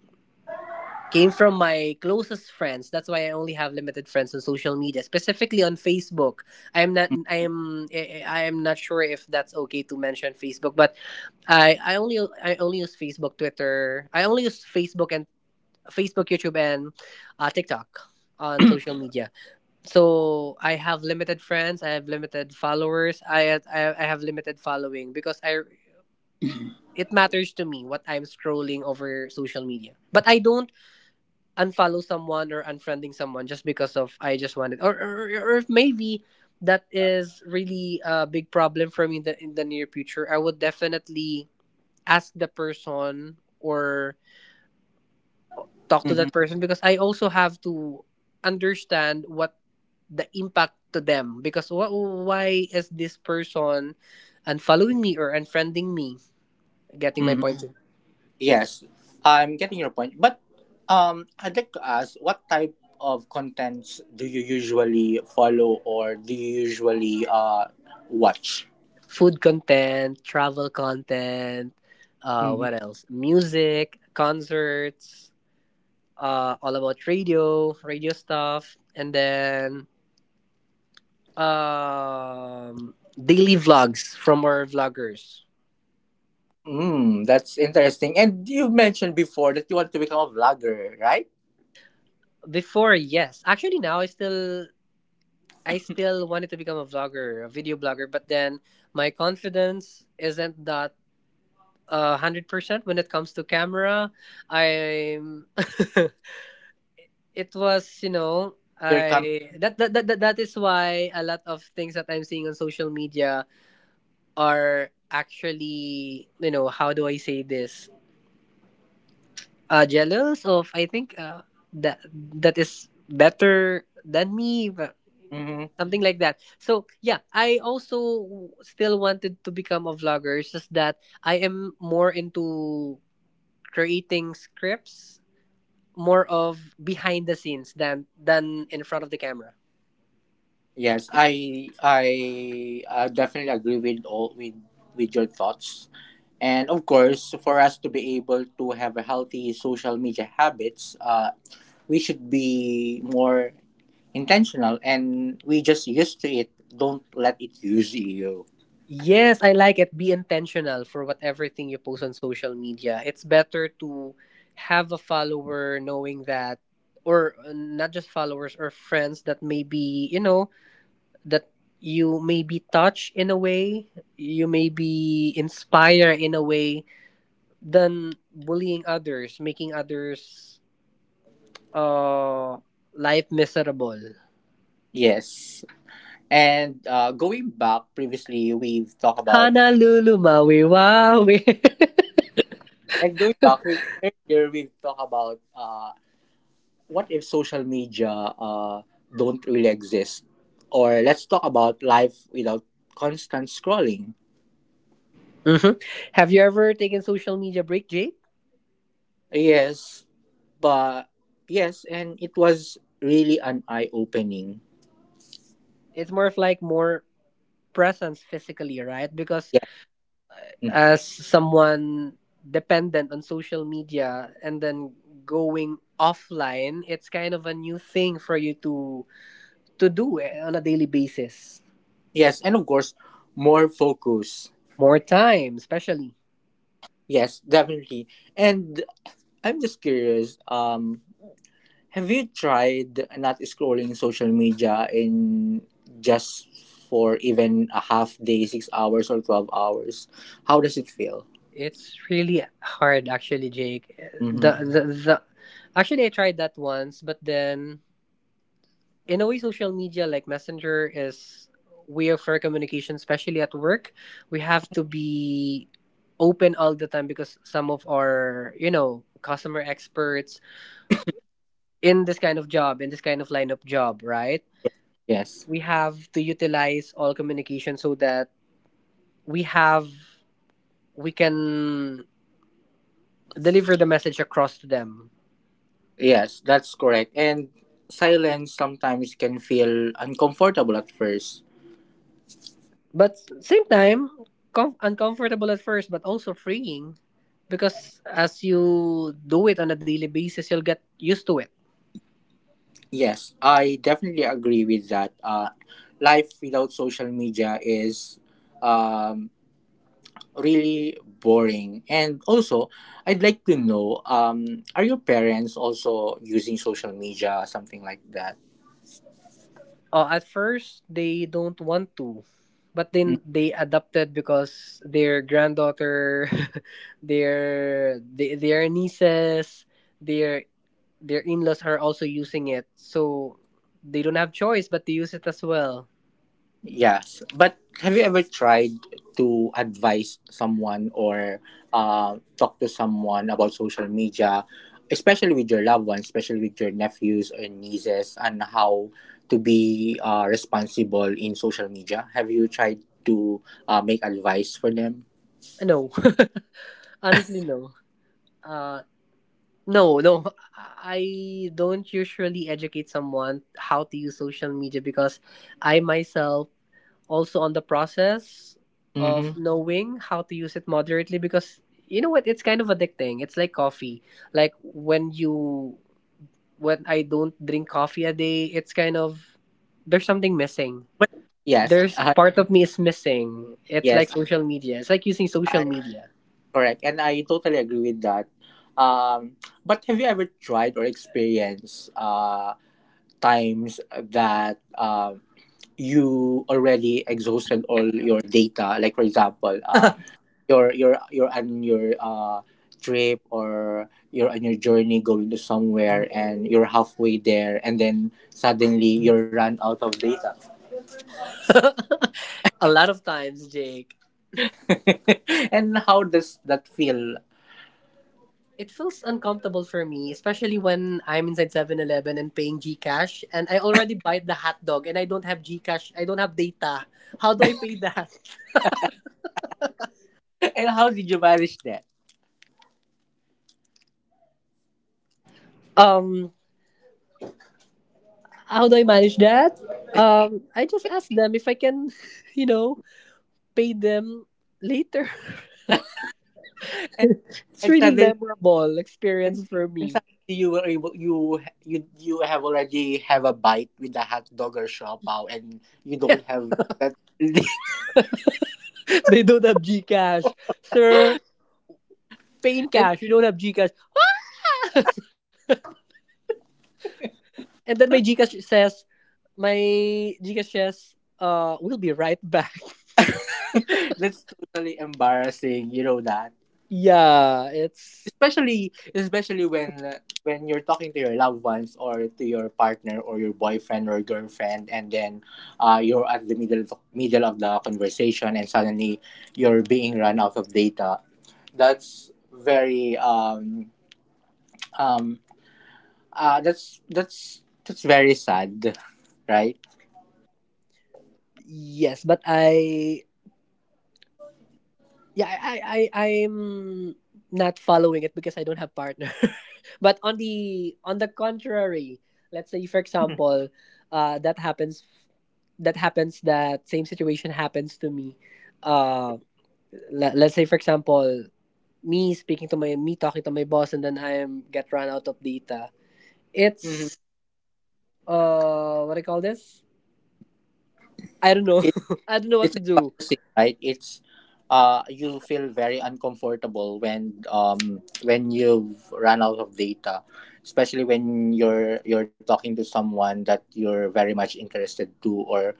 came from my closest friends. That's why I only have limited friends on social media, specifically on Facebook. I am not I am I I am not sure if that's okay to mention Facebook, but I I only I only use Facebook, Twitter. I only use Facebook and Facebook, YouTube, and uh, TikTok on social media. So I have limited friends, I have limited followers, I I, I have limited following because I it matters to me what I'm scrolling over social media. But I don't unfollow someone or unfriending someone just because of I just wanted, or or, or if maybe that is really a big problem for me in the in the near future, I would definitely ask the person or talk to
Mm-hmm.
that person because I also have to understand what the impact to them, because wh- why is this person unfollowing me or unfriending me, getting my point?
Yes, I'm getting your point. But um, I'd like to ask, what type of contents do you usually follow, or do you usually uh, watch?
Food content, travel content, uh,
Hmm.
what else? Music, concerts, uh, all about radio, radio stuff, and then um, daily vlogs from our vloggers.
Mm, that's interesting. And you mentioned before that you want to become a vlogger, right?
Before, yes, actually now I still, I still wanted to become a vlogger, a video blogger, but then my confidence isn't that uh hundred percent when it comes to camera. I'm. It was, you know
You're coming.
I that that, that that that is why a lot of things that I'm seeing on social media are actually, you know how do I say this, uh jealous of, I think, uh that that is better than me, but
Mm-hmm.
something like that. So yeah, I also still wanted to become a vlogger. It's just that I am more into creating scripts, more of behind the scenes than than in front of the camera.
Yes, I I uh, definitely agree with all with with your thoughts. And of course, for us to be able to have a healthy social media habits, uh, we should be more intentional, and we just used to it. Don't let it use you.
Yes, I like it. Be intentional for whatever thing you post on social media. It's better to have a follower knowing that, or, uh, not just followers or friends that maybe, you know, that you may be touched in a way, you may be inspired in a way, than bullying others, making others' uh, life miserable.
Yes. And uh, going back previously, we've talked about,
Honolulu, Maui, Waui.
and going back, we've, earlier we've talked about uh, what if social media uh, don't really exist? Or let's talk about life without constant scrolling.
Hmm. Have you ever taken social media break, Jay?
Yes, but yes, and it was really an eye opening.
It's more of like more presence physically, right? Because
Yeah. Mhm.
as someone dependent on social media and then going offline, it's kind of a new thing for you to to do, eh, on a daily basis.
Yes, and of course, more focus.
More time, especially.
Yes, definitely. And I'm just curious. Um, have you tried not scrolling social media in just for even a half day, six hours or twelve hours? How does it feel?
It's really hard, actually, Jake.
Mm-hmm.
The the, the Actually, I tried that once, but then in a way social media like messenger is way of our communication, especially at work. We have to be open all the time because some of our, you know customer experts in this kind of job, in this kind of line of job, right,
Yes.
we have to utilize all communication so that we have we can deliver the message across to them.
Yes, that's correct. And silence sometimes can feel uncomfortable at first.
But same time, com- uncomfortable at first, but also freeing because as you do it on a daily basis, you'll get used to it.
Yes, I definitely agree with that. Uh, life without social media is um, really boring. And also, I'd like to know, um, are your parents also using social media, something like that?
Oh, at first they don't want to, but then they adopted because their granddaughter, their they, their nieces, their their in-laws are also using it, so they don't have choice but to use it as well.
Yes, but have you ever tried to advise someone, or uh, talk to someone about social media, especially with your loved ones, especially with your nephews or nieces, and how to be uh, responsible in social media? Have you tried to uh, make advice for them?
Uh, no. Honestly, no, uh no, no. I don't usually educate someone how to use social media because I myself also on the process
Mm-hmm.
of knowing how to use it moderately. Because you know what, it's kind of addicting. It's like coffee. Like when you when i don't drink coffee a day, it's kind of, there's something missing.
But yes,
There's
uh,
part of me is missing. It's like
yes,
social media. It's like using social
I
media.
correct, and I totally agree with that. Um, but have you ever tried or experienced uh, times that uh, you already exhausted all your data, like for example uh,
A
you're you're you're on your uh, trip, or you're on your journey going to somewhere, and you're halfway there, and then suddenly you're run out of data.
lot of times, Jake.
And how does that feel?
It feels uncomfortable for me, especially when I'm inside Seven Eleven and paying GCash and I already bought the hot dog and I don't have GCash. I don't have data. How do I pay that?
And how did you manage that?
Um how do I manage that? Um I just ask them if I can, you know, pay them later.
and
It's
and
really
suddenly
memorable experience
And,
for
and
me.
suddenly you were able, you you you have already have a bite with the hot dog or shopao, and you don't have that.
They don't have GCash. Sir, pay in
And
cash. You don't have GCash. And then my GCash says my GCash says uh we'll be right back.
that's totally embarrassing, you know that,
Yeah. it's
especially especially when when you're talking to your loved ones, or to your partner, or your boyfriend or girlfriend, and then uh, you're at the middle of, middle of the conversation, and suddenly you're being run out of data. That's very um um Uh, that's that's that's very sad, right?
Yes, but I yeah, I I I I'm not following it because I don't have partner. But on the on the contrary, let's say for example, uh that happens that happens that same situation happens to me. Uh le- let's say for example, me speaking to my me talking to my boss and then I am get run out of data.
Mhm.
It's uh What do you call this? I don't know.
It,
I don't know what
it's
to do.
embarrassing, right? It's uh, You feel very uncomfortable when um when you've run out of data, especially when you're you're talking to someone that you're very much interested to, or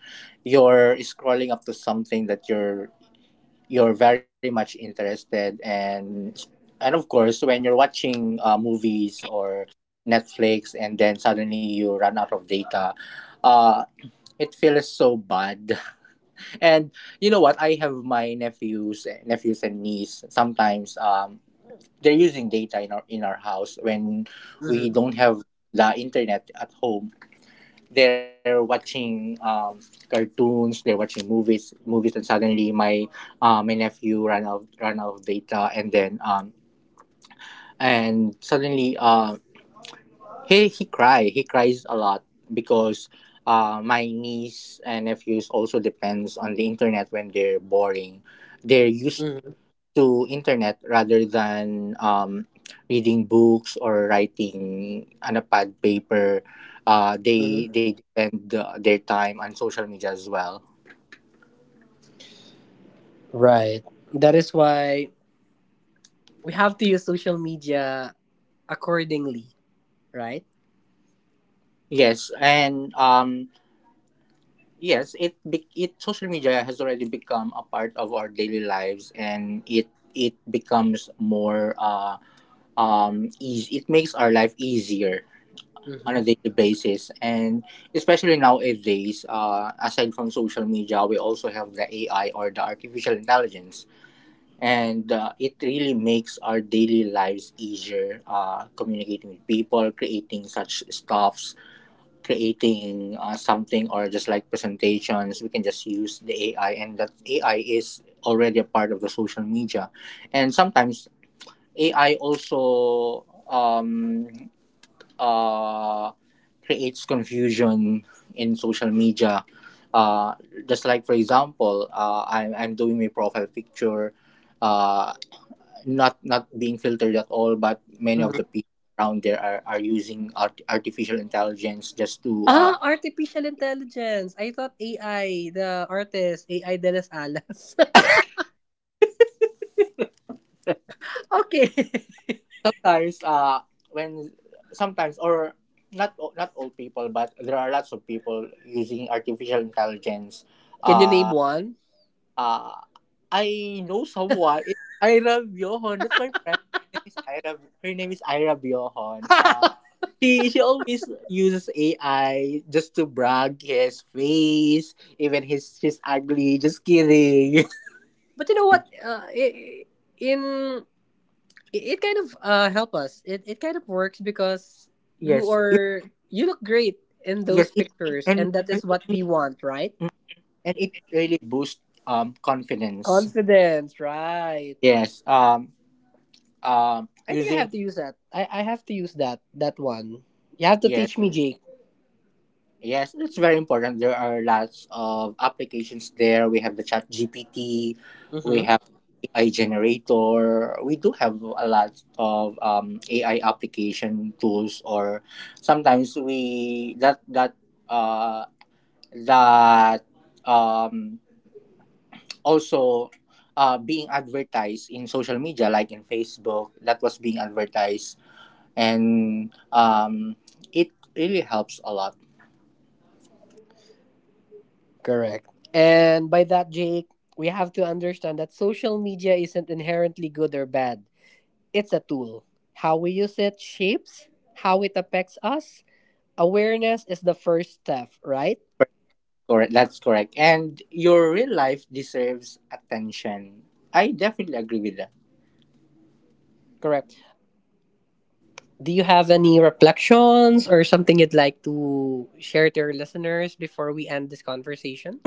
you're scrolling up to something that you're you're very much interested, and and of course when you're watching uh, movies or Netflix, and then suddenly you run out of data. uh it feels so bad. And you know what? I have my nephews nephews and niece. Sometimes um they're using data in our in our house when we
Mm-hmm.
don't have the internet at home. They're watching um, cartoons, they're watching movies, movies, and suddenly my uh, my nephew ran out ran out of data, and then um, and suddenly uh, he he cry he cries a lot, because uh, my niece and nephews also depends on the internet when they're boring. They're used
Mm-hmm.
to internet rather than um, reading books or writing on a pad paper. Uh, they
Mm-hmm.
they spend uh, their time on social media as well.
Right. That is why we have to use social media accordingly, right?
Yes, and um, yes, it be- it social media has already become a part of our daily lives, and it it becomes more uh um easy. It makes our life easier on a
Mm-hmm.
daily basis, and especially nowadays, uh, aside from social media, we also have the AI, or the artificial intelligence, and uh, it really makes our daily lives easier, uh, communicating with people, creating such stuffs, creating uh, something, or just like presentations. We can just use the AI, and that AI is already a part of the social media. And sometimes AI also um, uh, creates confusion in social media. Uh, just like for example, uh, I'm I'm doing my profile picture, uh, not not being filtered at all, but many of
Mm-hmm.
the people around there are, are using art- artificial intelligence just to uh,
Ah, artificial intelligence. I thought A I, the artist, A I de las Alas. Okay.
sometimes uh when sometimes or not not all people, but there are lots of people using artificial intelligence.
Can you name
Uh,
one?
Uh, I know someone. It's Ira Bjohan. That's my friend. Her name is Ira. Her name is Ira Bjohan. Uh,
But
she she always uses A I just to brag his face, even his his ugly. Just kidding.
you know what? Uh, I- I- in it, it kind of uh help us. It it kind of works because you
Yes,
are you look great in
yes.
those
It
pictures,
and
and that
and
is what
it,
we want, right?
and it really boosts um confidence.
Confidence, right?
Yes. Um. Um.
I think I have
Using
to use that. I I have to use that that one. You have to
Yes.
teach me, Jake.
Yes, it's very important. There are lots of applications there. We have the Chat G P T, we
Mm-hmm.
have A I generator. We do have a lot of um, A I application tools, or sometimes we that that uh, that um, also uh, being advertised in social media, like in Facebook, that was being advertised, and um, it really helps a lot.
Correct. And by that, Jake, we have to understand that social media isn't inherently good or bad. It's a tool. How we use it shapes how it affects us. Awareness is the first step, right?
Correct. That's correct. And your real life deserves attention. I definitely agree with that.
Correct. Do you have any reflections or something you'd like to share to your listeners before we end this conversation?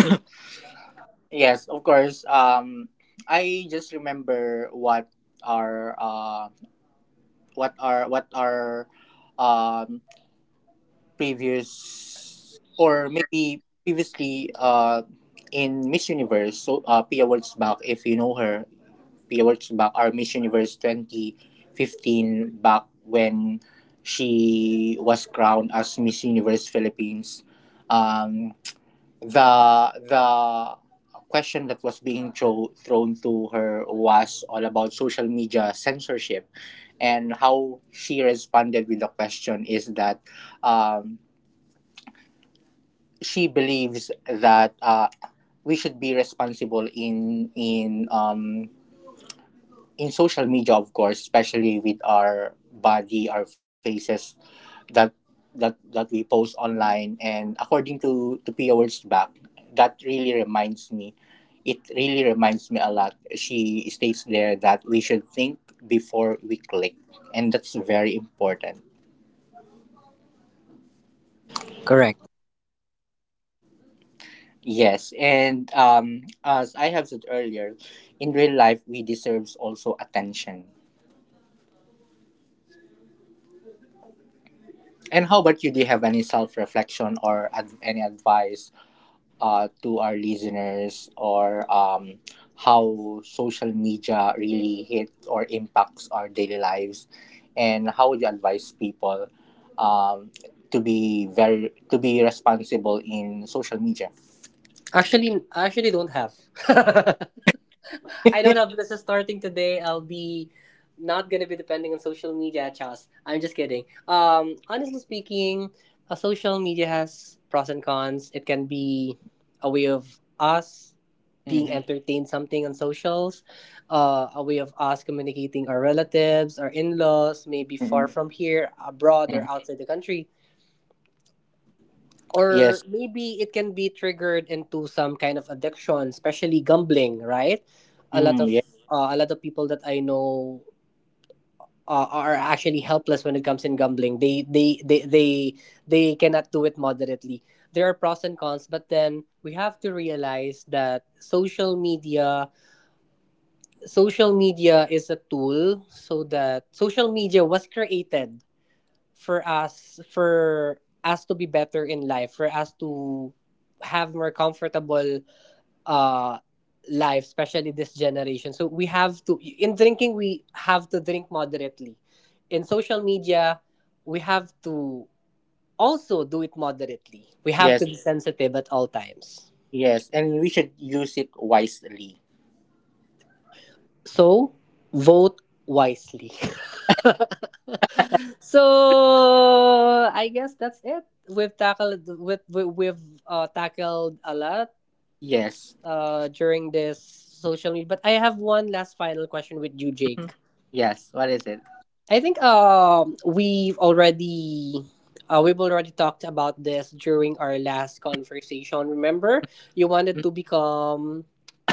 Yes, of course. Um, I just remember what our uh, what our what our um previous, or maybe previously uh in Miss Universe, so uh Pia Words, if you know her. We worked back our Miss Universe twenty fifteen back when she was crowned as Miss Universe Philippines. Um, the the question that was being throw, thrown to her was all about social media censorship, and how she responded with the question is that, um, she believes that uh, we should be responsible in in um, in social media, of course, especially with our body, our faces, that that that we post online, and according to to Pia Words. That really reminds me. It really reminds me a lot. She states there that we should think before we click, and that's very important.
Correct.
Yes, and um as I have said earlier, in real life, we deserves also attention. And how about you? Do you have any self-reflection or ad- any advice, uh, to our listeners, or um, how social media really hit or impacts our daily lives, and how would you advise people um, to be very to be responsible in social media?
Actually, I actually don't have. I don't have business starting today. I'll be Not gonna be depending on social media, Chas. I'm just kidding. Um, honestly speaking, a social media has pros and cons. It can be a way of us being
Mm-hmm.
entertained something on socials, uh, a way of us communicating our relatives, our in-laws, maybe far
Mm-hmm.
from here, abroad or
Mm-hmm.
outside the country. Or
Yes.
maybe it can be triggered into some kind of addiction, especially gambling, right? A lot
Mm,
of
yeah.
uh, a lot of people that I know, uh, are actually helpless when it comes in gambling. They they they they they cannot do it moderately. There are pros and cons, but then we have to realize that social media social media is a tool, so that social media was created for us, for us to be better in life, for us to have more comfortable uh life, especially this generation. So we have to in drinking, we have to drink moderately. In social media, we have to also do it moderately. We have to
Yes.
be sensitive at all times.
Yes, and we should use it wisely.
So, vote wisely. So, I guess that's it. We've tackled with we- we've uh, tackled a lot,
Yes.
uh, during this social media, but I have one last final question with you,
Mhm.
Jake.
Yes, what is it?
I think um we've already uh, we've already talked about this during our last conversation. Remember, you wanted to become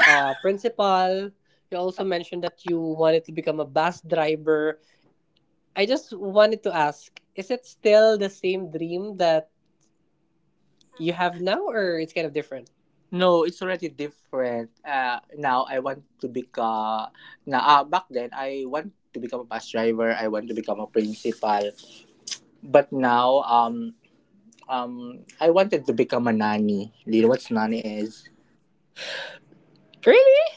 a principal. You also mentioned that you wanted to become a bus driver. I just wanted to ask, is it still the same dream that you have now or it's kind of different?
No, it's already different. Uh, now I want to become. Now, uh, back then I want to become a bus driver. I want to become a principal. But now, um, um, I wanted to become a nanny. Do you know what nanny is?
Really?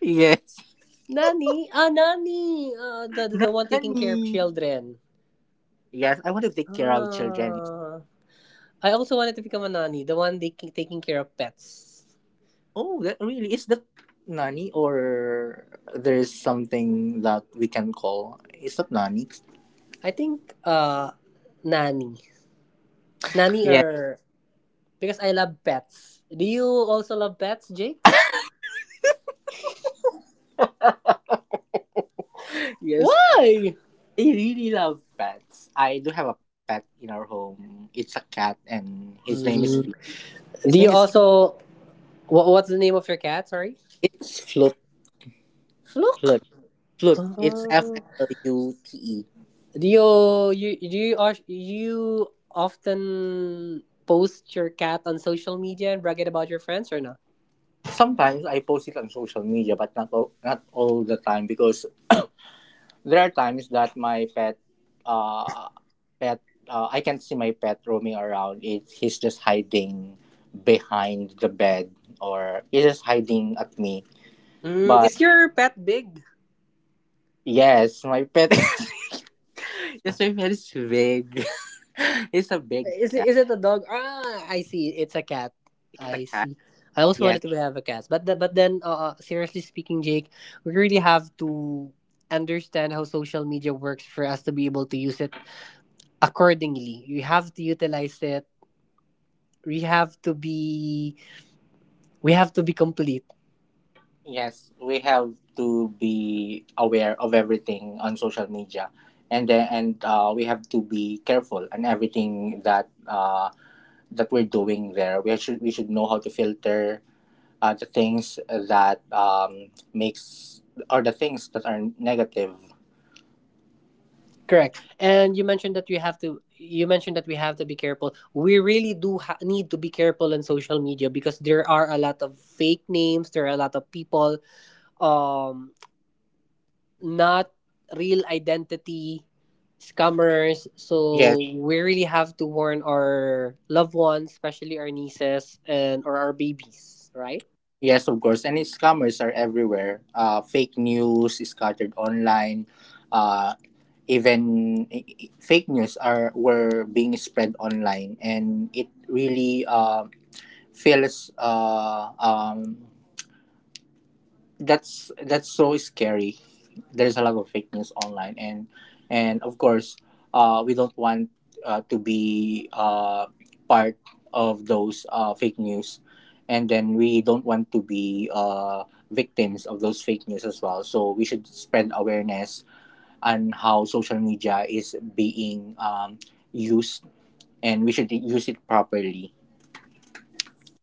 Yes,
Nani? Ah, Nani! Uh, the, the, the one taking care
nanny.
of children.
Yes, I want to take care of children.
Ah. I also wanted to become a nanny, the one they ki- taking care of pets.
Oh, that really is that nanny, or there's something that we can call. Is that nanny?
I think, uh nanny. Nanny
Yeah.
or because I love pets. Do you also love pets, Jakes?
Yes.
Why?
I really love pets. I do have a pet in our home. It's a cat, and his name is Flute.
Mm.
His
Do
name
you
is
also What, what's the name of your cat? Sorry.
it's Flute.
Fluke.
Flute. Flute. It's F
Oh.
L U T E.
do you you do you os- you often post your cat on social media and brag it about your friends or not?
Sometimes I post it on social media, but not all, not all the time, because there are times that my pet, uh, pet, uh, I can't see my pet roaming around. It He's just hiding behind the bed, or he's just hiding at me.
Mm,
But
is your pet big?
yes, my pet. His name is big. It's a big
Is it,
cat.
is it a dog? Ah, I see. It's a cat.
It's a
I
cat.
see. I also
Yes,
wanted to have a cat, but the, but then, uh, uh, seriously speaking, Jake, we really have to understand how social media works for us to be able to use it accordingly. We have to utilize it. We have to be we have to be complete.
yes. We have to be aware of everything on social media, and then and uh, we have to be careful on everything that uh, that we're doing there. We should we should know how to filter uh, the things that um, makes, or the things that are negative.
Correct. And you mentioned that we have to you mentioned that we have to be careful. We really do ha- need to be careful on social media because there are a lot of fake names, there are a lot of people, um not real identity, scammers. So
Yes.
we really have to warn our loved ones, especially our nieces and or our babies, right?
Yes, of course. And scammers are everywhere. Uh, fake news is scattered online. Uh, Even i- i- fake news are were being spread online, and it really uh, feels uh, um, that's that's so scary. There's a lot of fake news online, and and of course, uh, we don't want uh, to be uh, part of those uh, fake news, and then we don't want to be uh, victims of those fake news as well. So we should spread awareness on how social media is being um, used, and we should use it properly.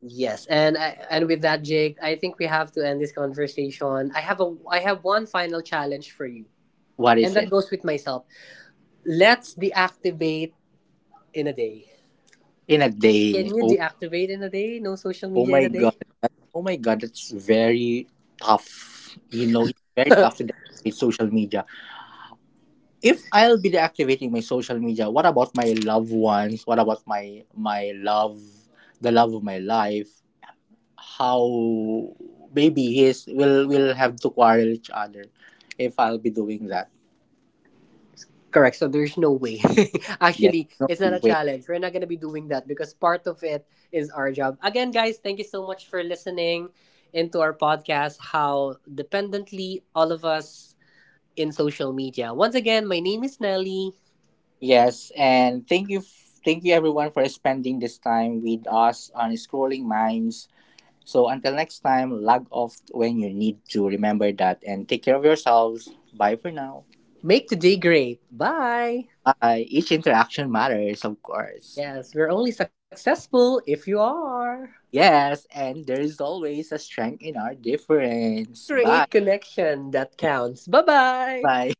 Yes, and I, and with that, Jake, I think we have to end this conversation. I have a I have one final challenge for you,
What
and
is
that
it?
goes with myself. Let's deactivate in a day.
In a day?
Can you deactivate in a day? No social
Oh
media in
my
a
god.
day?
that- Oh my god, that's very tough. You know, it's very tough to deactivate social media. If I'll be deactivating my social media, what about my loved ones? What about my my love, the love of my life? How maybe his will will have to quarrel each other if I'll be doing that.
Correct. So there's no way.
Yes,
Actually,
no
it's not a
way.
challenge. We're not going to be doing that because part of it is our job. Again, guys, thank you so much for listening into our podcast, How Dependently All of Us in Social Media. Once again, my name is Nelly.
Yes, and thank you, f- thank you, everyone, for spending this time with us on Scrolling Minds. So until next time, log off when you need to. Remember that and take care of yourselves. Bye for now.
Make today great. Bye.
Bye. Each interaction matters, of course.
Yes, we're only successful if you are.
Yes, and there is always a strength in our difference. Bye.
Create connection that counts. Bye bye.
Bye.